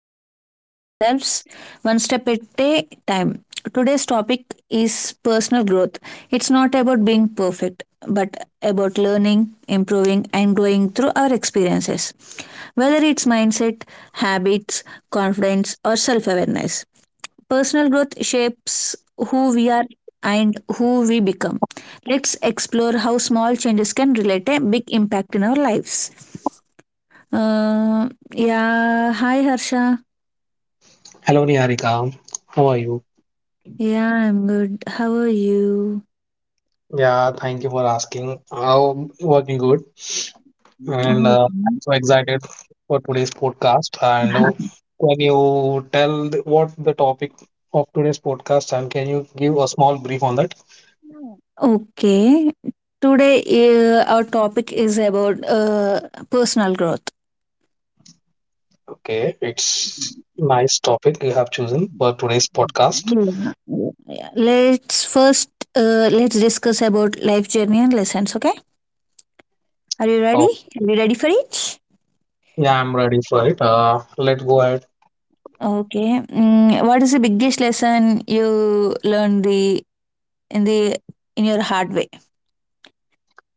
better version of ourselves, one step at a time. Today's topic is personal growth. It's not about being perfect, but about learning, improving, and growing through our experiences, whether it's mindset, habits, confidence, or self awareness. Personal growth shapes who we are and who we become. Let's explore how small changes can relate a big impact in our lives. Uh, yeah, Hi Harsha. Hello, Niharika. How are you? Yeah, I'm good. How are you? Yeah, thank you for asking. I'm working good, and Mhm. I'm so excited for today's podcast. And can you tell the, what the topic of today's podcast, and can you give a small brief on that? Okay. Today, our topic is about personal growth. Okay, it's nice topic you have chosen for today's podcast. Yeah. yeah, yeah. Let's first let's discuss about life journey and lessons. Okay. Are you ready? Oh, Are you ready for it? yeah, I'm ready for it. Let's go ahead. Okay. What is the biggest lesson you learned the in your hard way?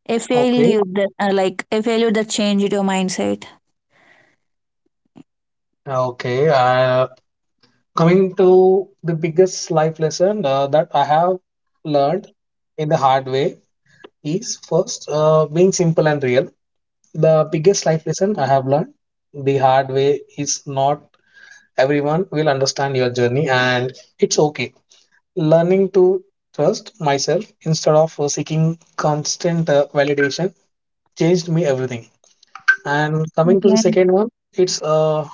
A Okay, failure that a failure that changed your mindset. okay. Coming to the biggest life lesson that I have learned in the hard way is first being simple and real. The biggest life lesson I have learned the hard way is not everyone will understand your journey, and it's okay. Learning to trust myself instead of seeking constant validation changed me everything. And coming to the Okay. second one, it's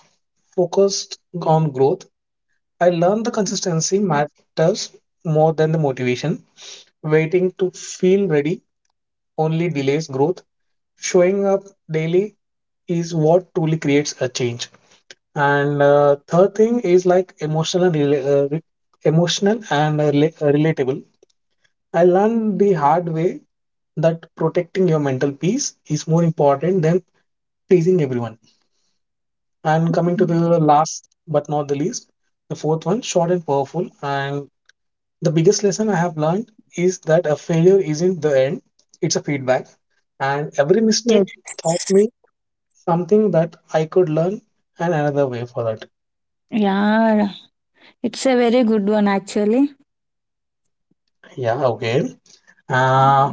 focused on growth. I learned the consistency matters more than the motivation. Waiting to feel ready only delays growth. Showing up daily is what truly creates a change. And third thing is like emotional and emotional and relatable. I learned the hard way that protecting your mental peace is more important than pleasing everyone. And coming to the last but not the least, the fourth one, short and powerful. And the biggest lesson I have learned is that a failure isn't the end, it's a feedback. And every Yes. mistake taught me something that I could learn and another way for that. Yeah. It's a very good one actually. Yeah, okay. Uh,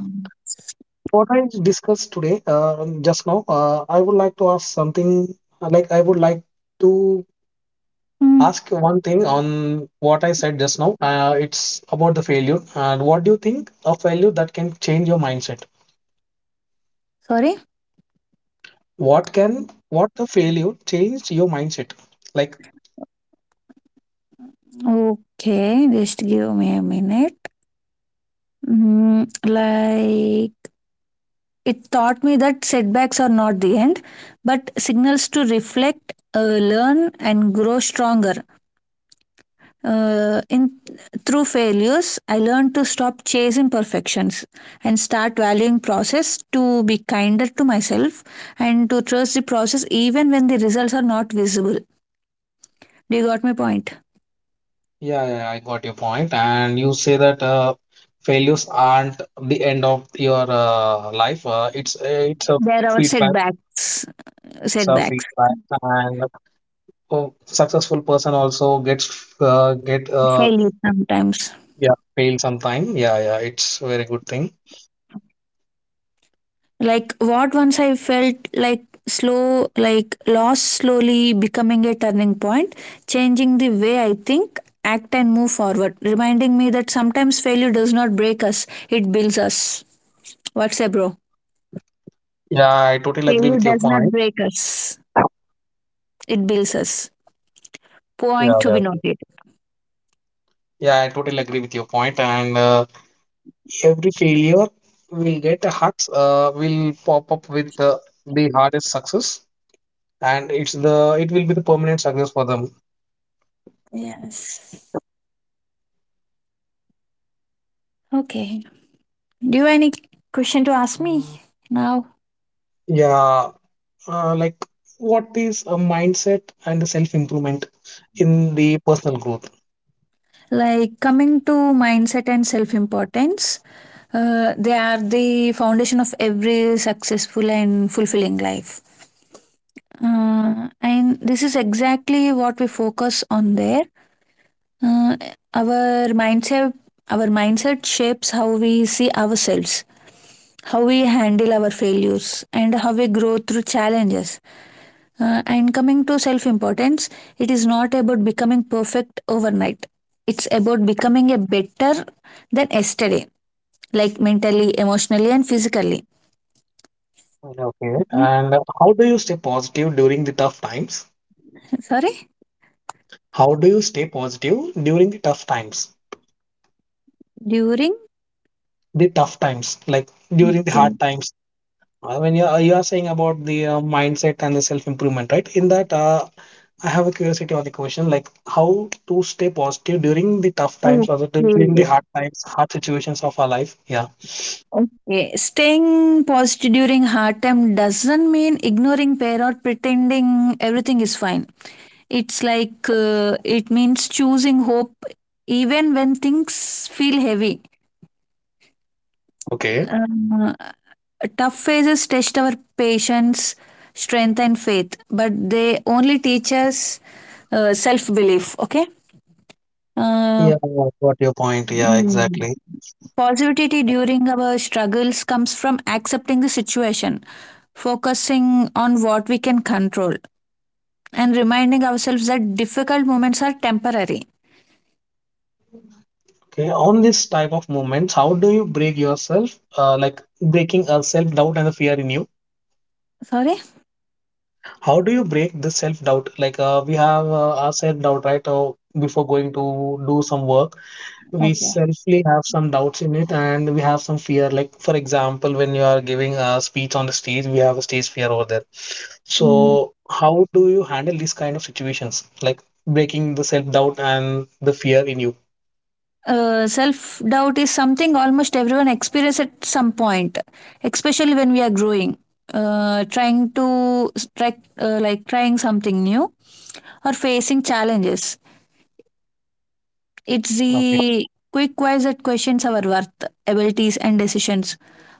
what I discussed today, just now, I would like to ask something like I would like to Mm. ask you one thing on what I said just now. It's about the failure. And what do you think a failure that can change your mindset? Sorry. What can, what the failure changed your mindset? Like. Okay. Just give me a minute. Mm, like. It taught me that setbacks are not the end, but signals to reflect, learn, and grow stronger. In Through failures, I learned to stop chasing perfections and start valuing process. To be kinder to myself and to trust the process even when the results are not visible. Do you got my point? Yeah, yeah, I got your point. And you say that failures aren't the end of your life. It's it's a There are feedback. setbacks, It's a setbacks, feedback, and a successful person also gets get failures sometimes. yeah fail sometime. Yeah, yeah, it's a very good thing. Like what once I felt like slow, like loss slowly becoming a turning point, changing the way I think, act, and move forward, reminding me that sometimes failure does not break us, it builds us. What's say, bro? Yeah, I totally agree Failure with your does not point. break us, it builds us. Yeah, Point to yeah. be noted. Yeah, I totally agree with your point. And every failure will get a heart, will pop up with the hardest success, and it's the it will be the permanent success for them. Yes. Okay. Do you have any question to ask me now? Yeah. Like what is a mindset and self improvement in the personal growth. Like coming to mindset and self importance, they are the foundation of every successful and fulfilling life. And this is exactly what we focus on there. Uh, our mindset, our mindset shapes how we see ourselves, how we handle our failures, and how we grow through challenges. And coming to self importance, it is not about becoming perfect overnight. It's about becoming a better than yesterday, like mentally, emotionally, and physically. Okay, and how do you stay positive during the tough times? Sorry? How do you stay positive during the tough times? During? The tough times, like during the hard Okay. times. I mean, you are saying about the mindset and the self-improvement, right? In that, I have a curiosity on the question, like how to stay positive during the tough times or the, during the Okay. hard times, hard situations of our life. Yeah. Okay, staying positive during hard time doesn't mean ignoring pain or pretending everything is fine. It means choosing hope even when things feel heavy. Okay. Uh, Tough phases test our patience, strength, and faith, but they only teach us self belief. Okay. Uh, Yeah, I got your point. Yeah, exactly. Positivity during our struggles comes from accepting the situation, focusing on what we can control, and reminding ourselves that difficult moments are temporary. Okay, on this type of moments, how do you break yourself? Like breaking a self-doubt and the fear in you. Sorry? How do you break this self-doubt? Like we have our self-doubt, right? Before going to do some work, we Okay. selfly have some doubts in it and we have some fear. Like for example, when you are giving a speech on the stage, we have a stage fear over there. Mm. So how do you handle these kind of situations, like breaking the self doubt and the fear in you? Self doubt is something almost everyone experiences at some point, especially when we are growing, trying to try, like trying something new or facing challenges. It's the quick wise that questions our worth, abilities, and decisions,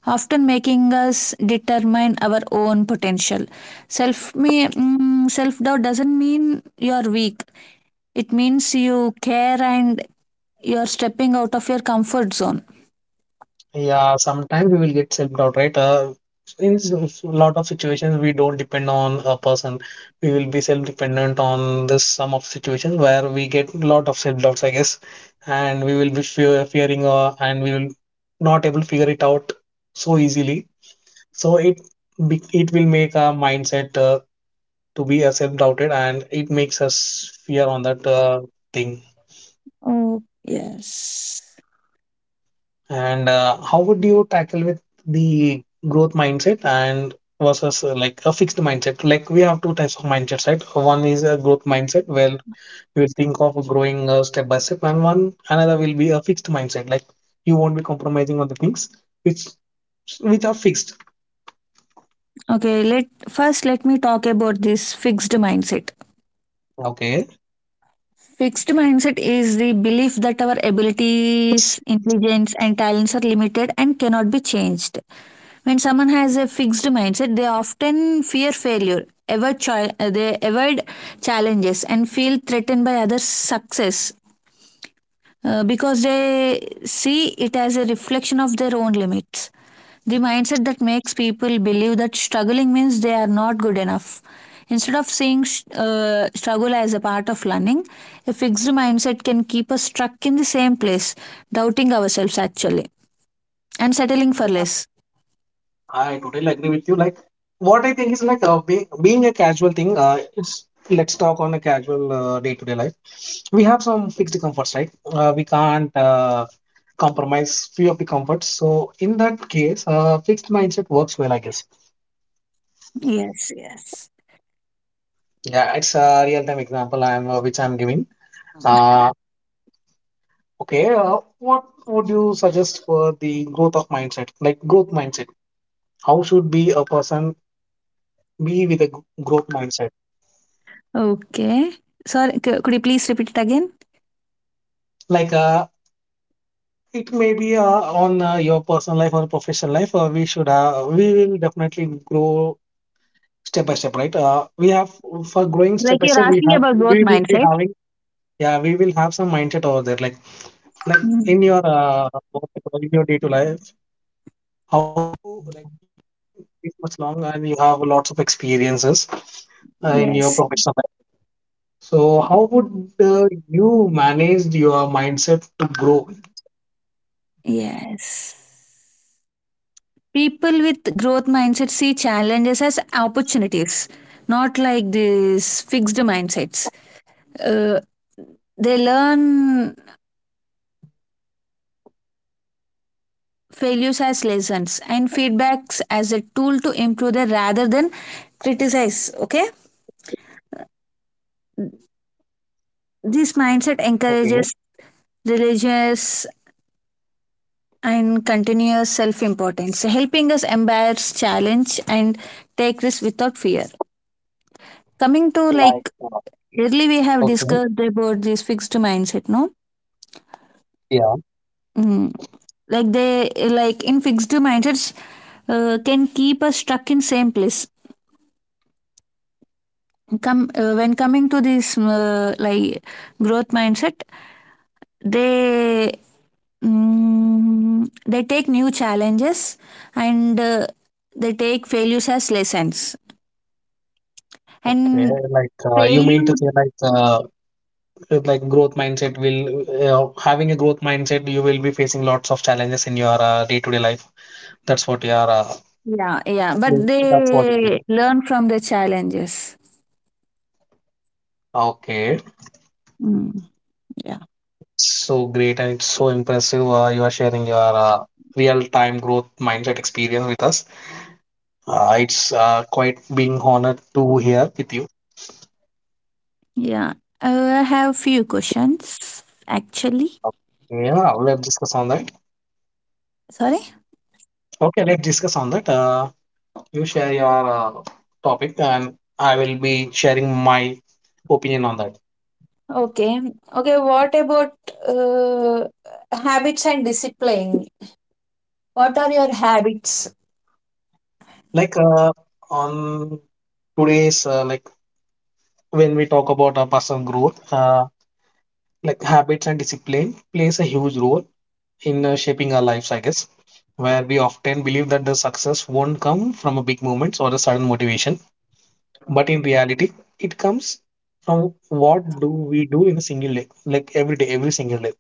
often making us determine our own potential. Self doubt doesn't mean you are weak. It means you care and you are stepping out of your comfort zone. Yeah, sometimes we will get self doubt, right? In a lot of situations, we don't depend on a person. We will be self dependent on this some of situations where we get lot of self doubts, I guess, and we will be fearing, and we will not able to figure it out so easily. So it will make our mindset to be a self doubted, and it makes us fear on that thing. Oh, yes. And how would you tackle with the growth mindset and versus like a fixed mindset? Like we have two types of mindsets, right? One is a growth mindset where you will think of growing step by step, and one another will be a fixed mindset, like you won't be compromising on the things which which are fixed. Okay, let me talk about this fixed mindset. Okay. Fixed mindset is the belief that our abilities, intelligence, and talents are limited and cannot be changed. When someone has a fixed mindset, they often fear failure, they avoid challenges, and feel threatened by others' success, because they see it as a reflection of their own limits. The mindset that makes people believe that struggling means they are not good enough. Instead of seeing struggle as a part of learning, a fixed mindset can keep us stuck in the same place, doubting ourselves actually, and settling for Yeah, less. I totally agree with you. Like, what I think is like being a casual thing. It's let's talk on a casual day-to-day life. We have some fixed comforts, right? We can't compromise few of the comforts. So in that case, fixed mindset works well, I guess. Yes, yes. Yeah, it's a real-time example I'm which I'm giving. Uh, okay, what would you suggest for the growth of mindset, like growth mindset? How should be a person be with a growth mindset? Okay. Sorry, could you please repeat it again? Like it may be on your personal life or professional life. We will definitely grow step by step, right? We have For growing step Like by you're step, we asking have, about growth we will be mindset. having, yeah, we will have some mindset over there, like Mm. in your what you in your day to life, you, like, it's much long and you have lots of experiences in your Yes. professional life. So how would you manage your mindset to grow? Yes. People with growth mindset see challenges as opportunities, not like these fixed mindsets. Uh, they learn failures as lessons and feedbacks as a tool to improve them, rather than criticize. Okay, this Okay, mindset encourages religious and continuous self-importance, helping us embrace challenge and take risks without fear. Coming to like, like earlier, We have okay, discussed about this fixed mindset, no? yeah, Mm like they like in fixed mindsets can keep us stuck in same place. Come when Coming to this growth mindset, they they take new challenges and they take failures as lessons okay. and Like you mean to failure. say Like like growth mindset will, having a growth mindset you will be facing lots of challenges in your day-to-day life, that's what you are Yeah, yeah, but mm, that's what you they mean. learn from the challenges. Okay. Mm, yeah So great, and it's so impressive you are sharing your real-time growth mindset experience with us. It's quite being honored to hear with you. yeah I have few questions actually. Yeah, let's discuss on that. Sorry. Okay, let's discuss on that. You share your topic and I will be sharing my opinion on that. Okay. Okay, what about uh, habits and discipline? What are your habits? Like on today's, when we talk about our personal growth, like habits and discipline plays a huge role in shaping our lives, I guess. Where we often believe that the success won't come from a big moments or a sudden motivation, but in reality, it comes from what do we do in a single day, like every day, every single day.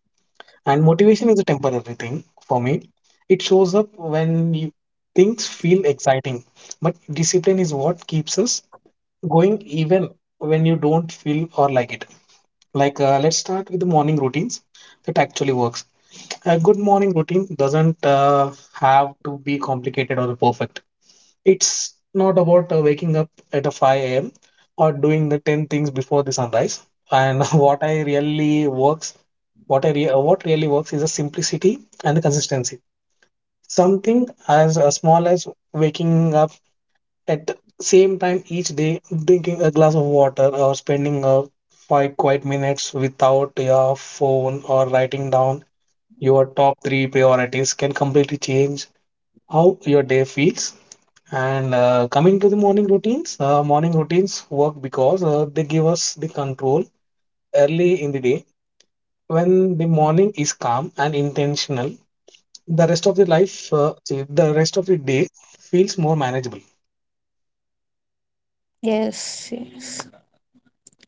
And motivation is a temporary thing for me. It shows up when you, things feel exciting, but discipline is what keeps us going even when you don't feel or like it. Let's start with the morning routines that actually works. A good morning routine doesn't have to be complicated or perfect. It's not about waking up at a 5 a.m or doing the 10 things before the sunrise. And what I really works what I re- what really works is the simplicity and the consistency. Something as small as waking up at the same time, each day, drinking a glass of water or spending a five quiet minutes without your phone or writing down your top three priorities can completely change how your day feels. And coming to the morning routines work because they give us the control early in the day. When the morning is calm and intentional, the rest of the day feels more manageable. Yes, yes.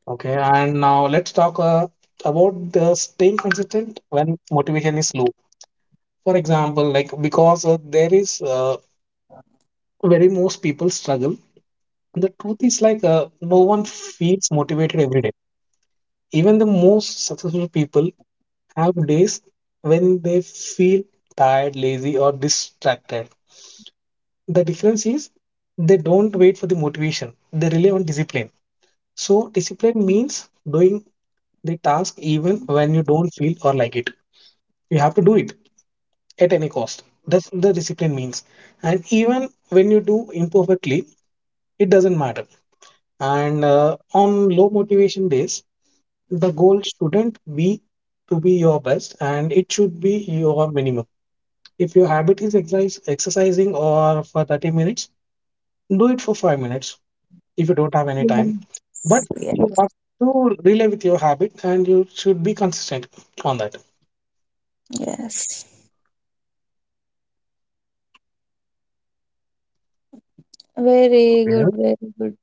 Okay, and now let's talk about the staying consistent when motivation is low. For example, like because there is very most people struggle. The truth is like no one feels motivated every day. Even the most successful people have days when they feel tired, lazy, or distracted. The difference is they don't wait for the motivation. They rely on discipline. So discipline means doing the task even when you don't feel or like it. You have to do it at any cost. That's the discipline means. And even when you do imperfectly, it doesn't matter. And on low motivation days, the goal shouldn't be to be your best and it should be your minimum. If your habit is exercise, exercising or for 30 minutes, do it for 5 minutes if you don't have any time. But Yes. Yeah. you have to relay with your habit and you should be consistent on that. Yes. Very Yeah, good, very good.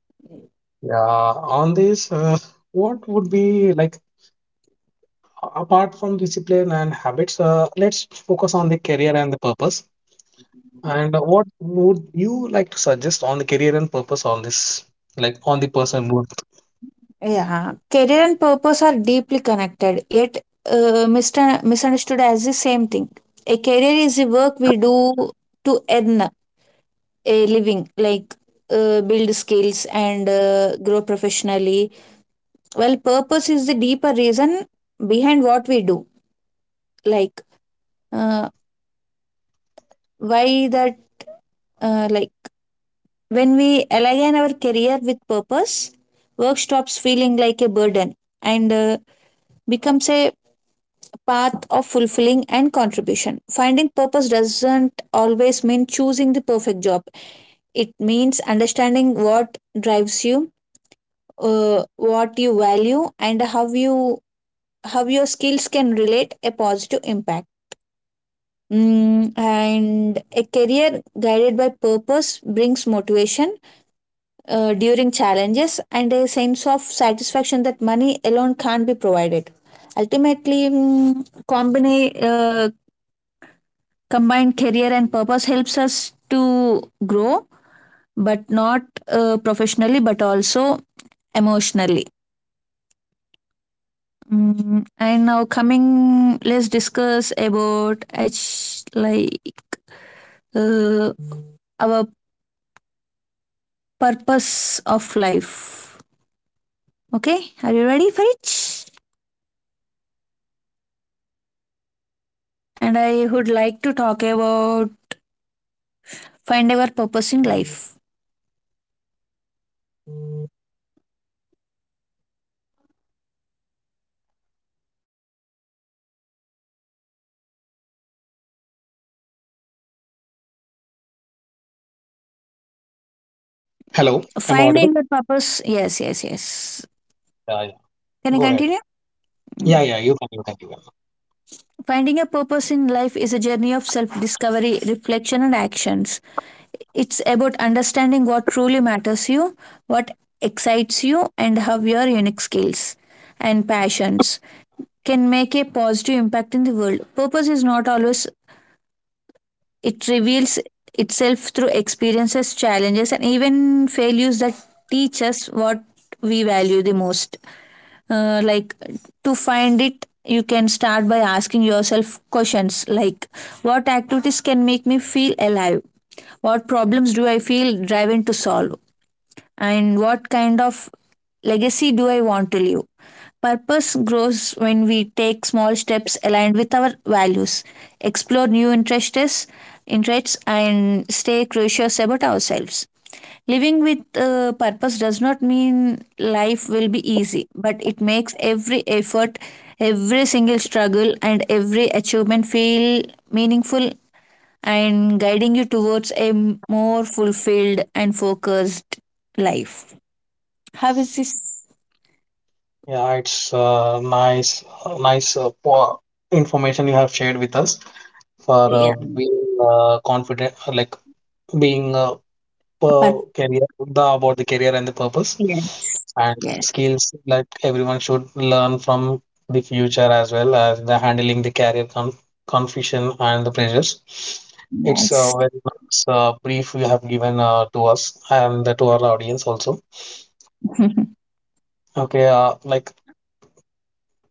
yeah, on this, what would be like apart from discipline and habits, let's focus on the career and the purpose. And what would you like to suggest on the career and purpose on this, like on the person who? Yeah, career and purpose are deeply connected, yet misunderstood as the same thing. A career is the work we do to earn a living, like build skills and grow professionally. Well purpose is the deeper reason behind what we do, like uh, why that like when we align our career with purpose, work stops feeling like a burden and becomes a path of fulfilling and contribution. Finding purpose doesn't always mean choosing the perfect job. It means understanding what drives you, what you value, and how your skills can relate a positive impact. And a career guided by purpose brings motivation during challenges and a sense of satisfaction that money alone can't be provided. Ultimately, combined career and purpose helps us to grow, but not professionally, but also emotionally. Let's discuss about it's like uh, our purpose of life. Okay, are you ready for it? And I would like to talk about find our purpose in life. Hello, I'm audible. Finding the purpose, yes, yes, yes. Yeah, yeah. Can I Go ahead. continue? Yeah, Mm. yeah. You can, you can, you can. Finding a purpose in life is a journey of self discovery, reflection, and actions. It's about understanding what truly matters you, what excites you, and how your unique skills and passions can make a positive impact in the world. Purpose is not always. It reveals itself through experiences, challenges, and even failures that teach us what we value the most. Uh, like to find it, you can start by asking yourself questions like what activities can make me feel alive? What problems do I feel driven to solve? And what kind of legacy do I want to leave? Purpose grows when we take small steps aligned with our values, explore new interests and stay curious about ourselves. Living with purpose does not mean life will be easy, but it makes every effort, every single struggle, and every achievement feel meaningful and guiding you towards a more fulfilled and focused life. How is this? Yeah, it's nice, nice information you have shared with us for Yeah. Being confident, like being But career the about the career and the purpose yes. and Yes. skills, like everyone should learn from the future as well as the handling the career confusion and the pressures. It's a Yes. very nice brief you have given to us and to our audience also. Okay, like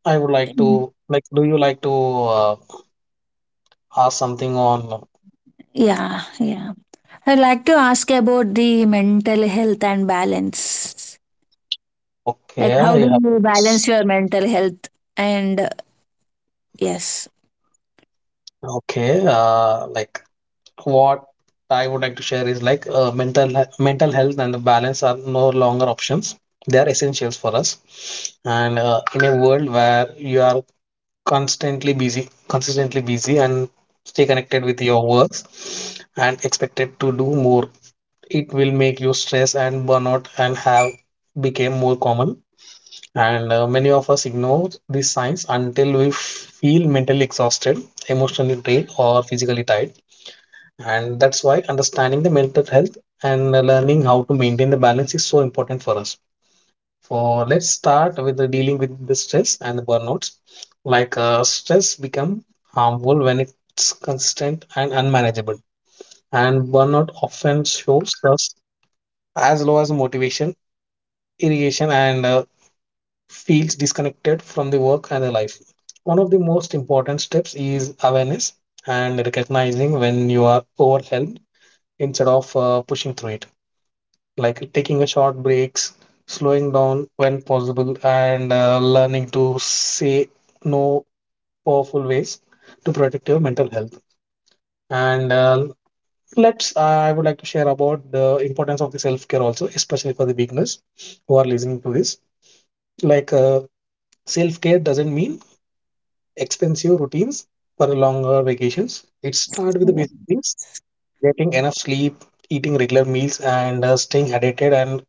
I would like to do you like to uh, ask something on? Yeah, yeah. I'd like to ask about the mental health and balance. Like, how Okay, you do have. you balance your mental health? And yes. Okay, like what I would like to share is like uh, mental health and the balance are no longer options. They are essentials for us. And in a world where you are constantly busy, consistently busy, and stay connected with your works and expected to do more, it will make you stress and burnout and have became more common. And many of us ignore these signs until we feel mentally exhausted, emotionally drained, or physically tired, and that's why understanding the mental health and learning how to maintain the balance is so important for us. For let's start with the dealing with the stress and the burnouts. Like stress become harmful when it's constant and unmanageable, and burnout often shows us as low as motivation, irrigation, and feels disconnected from the work and the life. One of the most important steps is awareness and recognizing when you are overwhelmed instead of pushing through it like taking a short breaks, slowing down when possible, and learning to say no powerful ways to protect your mental health. And I would like to share about the importance of the self care also, especially for the beginners who are listening to this. Like self care doesn't mean expensive routines for longer vacations. It starts with the Yeah. basic things: getting enough sleep, eating regular meals, and staying hydrated and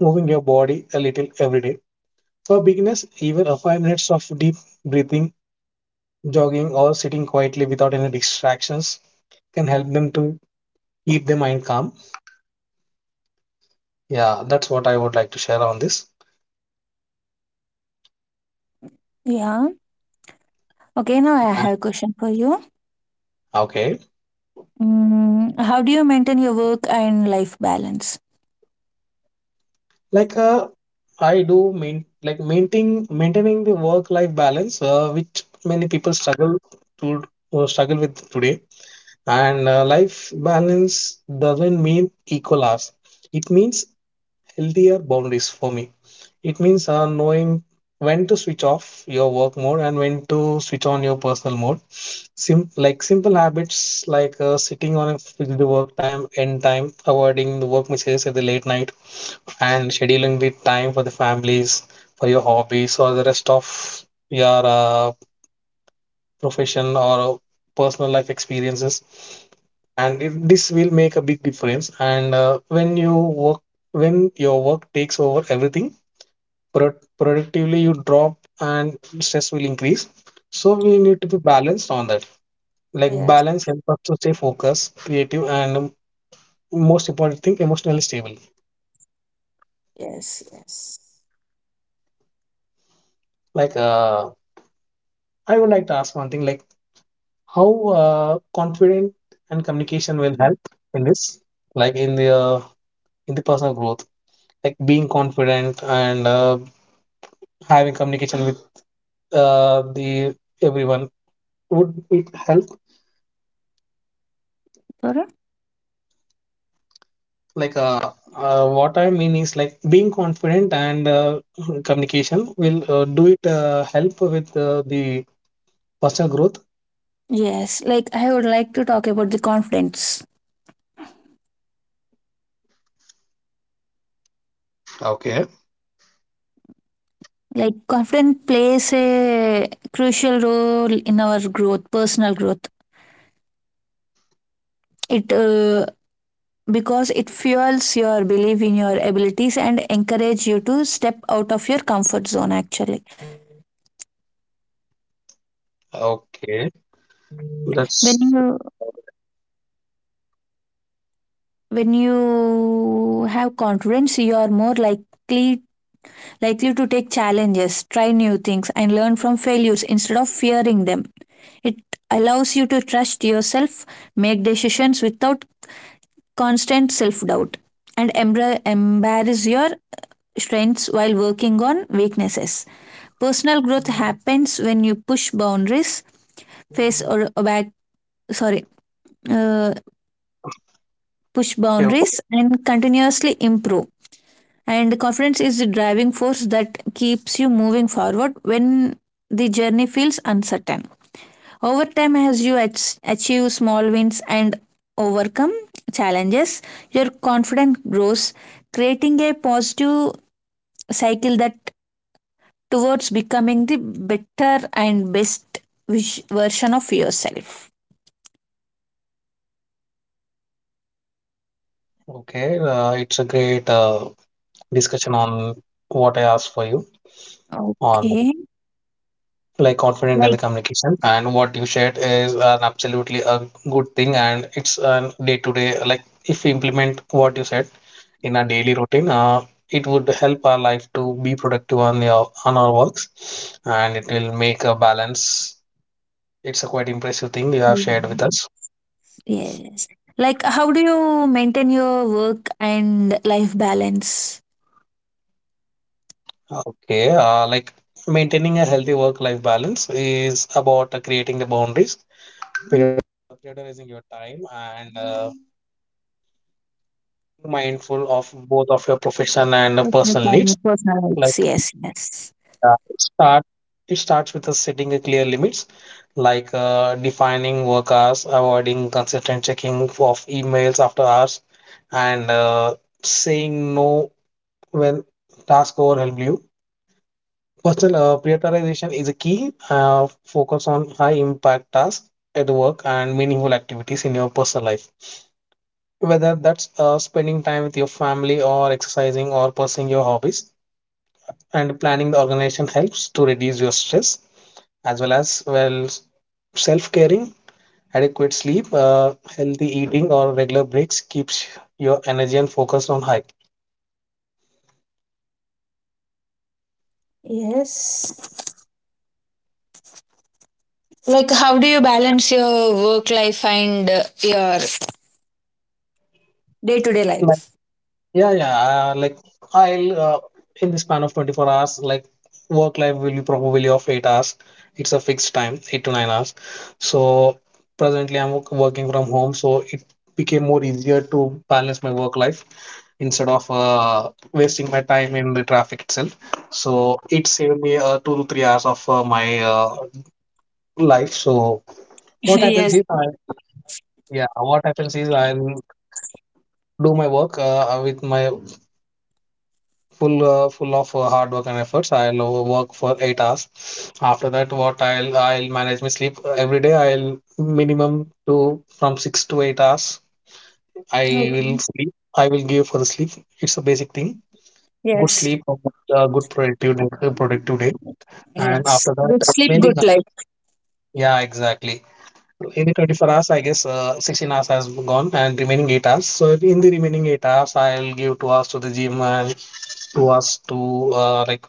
moving your body a little every day. For beginners, even a 5 minutes of deep breathing, jogging, or sitting quietly without any distractions can help them to keep their mind calm. Yeah, that's what I would like to share on this. Yeah. Okay, now I have a question for you. Okay, Mm, how do you maintain your work and life balance? like I do main like maintaining the work life balance, which many people struggle to struggle with today. And life balance doesn't mean equal hours. It means healthier boundaries for me. It means knowing when to switch off your work mode and when to switch on your personal mode. Sim like simple habits like sitting on a fixed work time, end time, avoiding the work messages at the late night, and scheduling the time for the families, for your hobbies, or the rest of your profession or personal life experiences. And this will make a big difference. And when your work takes over everything, productively you drop and stress will increase, so we need to be balanced on that. Like Yes, balance helps us to stay focused, creative, and most important thing, emotionally stable. yes, yes. Like I would like to ask one thing, like how uh, confident and communication will help in this, like in the personal growth, like being confident and having communication with the everyone, would it help? Like what I mean is, like, being confident and communication will do it help with the personal growth. Yes, like I would like to talk about the confidence. Okay. Like confidence plays a crucial role in our growth, personal growth. It Because it fuels your belief in your abilities and encourage you to step out of your comfort zone actually. Okay, When that's you when you have confidence, you are more likely to take challenges, try new things and learn from failures instead of fearing them. It allows you to trust yourself, make decisions without constant self doubt, and embrace your strengths while working on weaknesses. Personal growth happens when you push boundaries, face or back, sorry, uh, push okay. Okay. boundaries and continuously improve. And confidence is the driving force that keeps you moving forward when the journey feels uncertain. Over time, as you achieve small wins and overcome challenges, your confidence grows, creating a positive cycle that towards becoming the better and best version of yourself. Okay, it's a great discussion on what I asked for you on, Okay. like, confident in Like, the communication, and what you shared is an absolutely a good thing, and it's a day to day, like if we implement what you said in our daily routine, it would help our life to be productive on your on our works, and it will make a balance. It's a quite impressive thing you have shared with us. yes. Like, how do you maintain your work and life balance? Okay, like maintaining a healthy work life balance is about creating the boundaries, prior- prioritizing your time, and mindful of both of your profession and Personal personal balance, needs. personal lives. Like Yes, yes. uh, it start, it starts with setting a clear limits, like defining work hours, avoiding consistent checking of emails after hours, and saying no when task overwhelm you. Personal prioritization is a key. Focus on high impact tasks at work and meaningful activities in your personal life, whether that's spending time with your family or exercising or pursuing your hobbies, and planning the organization helps to reduce your stress as well, self caring, adequate sleep, healthy eating, or regular breaks keeps your energy and focus on high. Yes. Like, how do you balance your work life and your day to day life? Yeah, yeah. Like I'll in the span of 24 hours, like work life will be probably of 8 hours. It's a fixed time, 8 to 9 hours. So presently, I'm working from home, so it became more easier to balance my work life instead of wasting my time in the traffic itself. So it saved me 2 to 3 hours of my life. So what happens Yes. is I yeah, what happens is I'll do my work with my full of hard work and efforts. I'll work for 8 hours. After that, what I'll manage my sleep every day. I'll minimum to from 6 to 8 hours. I will Okay. sleep. I will give for the sleep. It's a basic thing. Good Yes. sleep, productive day. And Yes, after good that, sleep remaining, good life. yeah, exactly. In the 24 hours, I guess 16 hours has gone and remaining 8 hours. So in the remaining 8 hours, I'll give 2 hours to the gym and 2 hours to uh, like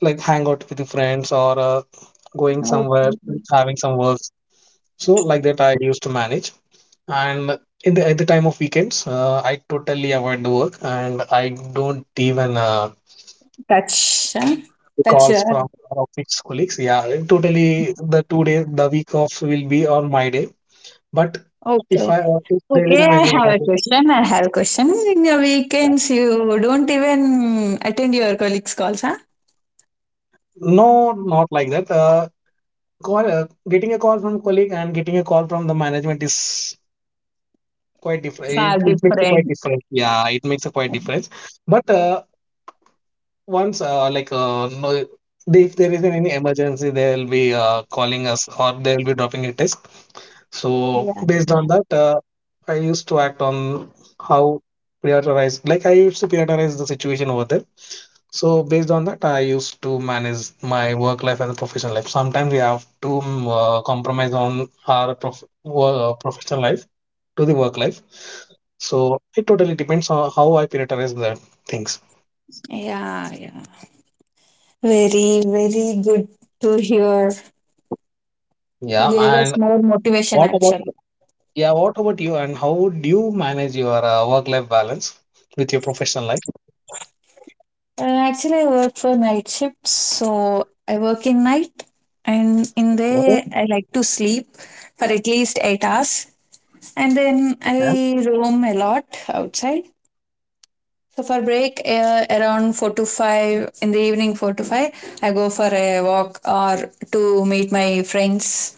like hang out with the friends or going somewhere, Okay. having some works. So like that I used to manage, and in the at the time of weekends, I totally avoid the work and I don't even Touch huh? Touch calls your from office colleagues, yeah, totally. The 2 days the week off will be on my day. But if okay I if there is okay. an I any have a emergency, question, I have a question. In your yeah. weekends you don't even attend your colleagues calls, huh? No, not like that. Call, uh, getting a call from colleague and getting a call from the management is quite different. Far It makes a quite different. difference. Yeah, it makes a quite difference. But no, if there is any emergency, they'll be calling us or they'll be dropping a text. So Yeah, based on that, I used to act on how prioritize. Like I used to prioritize the situation over there. So based on that, I used to manage my work life and professional life. Sometimes we have to compromise on our professional life to the work life. So it totally depends on how I prioritize the things. yeah, yeah, very very good to hear. You Yeah, gave us and more motivation what about actually. yeah, what about you? And how would you manage your work life balance with your professional Actually, I work for night shifts, so I work in night, and in life? there I like to sleep for at least 8 hours, and then I roam a lot outside. So for break, around four to five in the evening, four to five, I go for a walk or to meet my friends.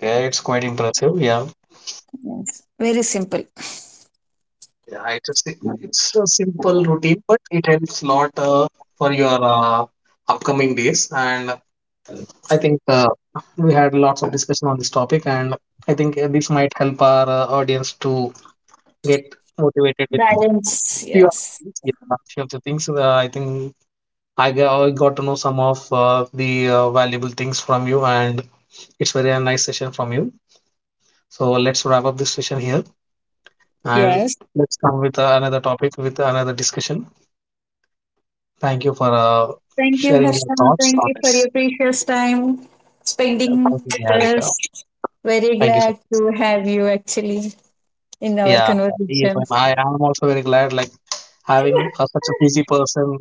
Yeah, it's quite impressive. Yeah, Yes. Very simple. yeah, it's a, it's a simple routine, but it helps lot for your upcoming days. And I think we had lots of discussion on this topic, and I think this might help our audience to get motivated with Balance. few of Yes. the things. Yeah, few of the things. I think I got to know some of the valuable things from you, and it's very a nice session from you. So let's wrap up this session here. And Yes. let's come with another topic with another discussion. Thank you for Thank you, sharing your Harsha. thoughts Thank on you for this. your precious time Yeah, thank spending you, with Niharika. us. Very Thank you so glad much. to have you actually in our Yeah, conversation. even I am also very glad, like having such a busy person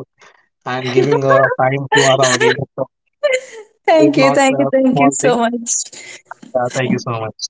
and giving time to our audience is Thank you, not thank you, a thank you small so thing. much. Yeah, thank you so much.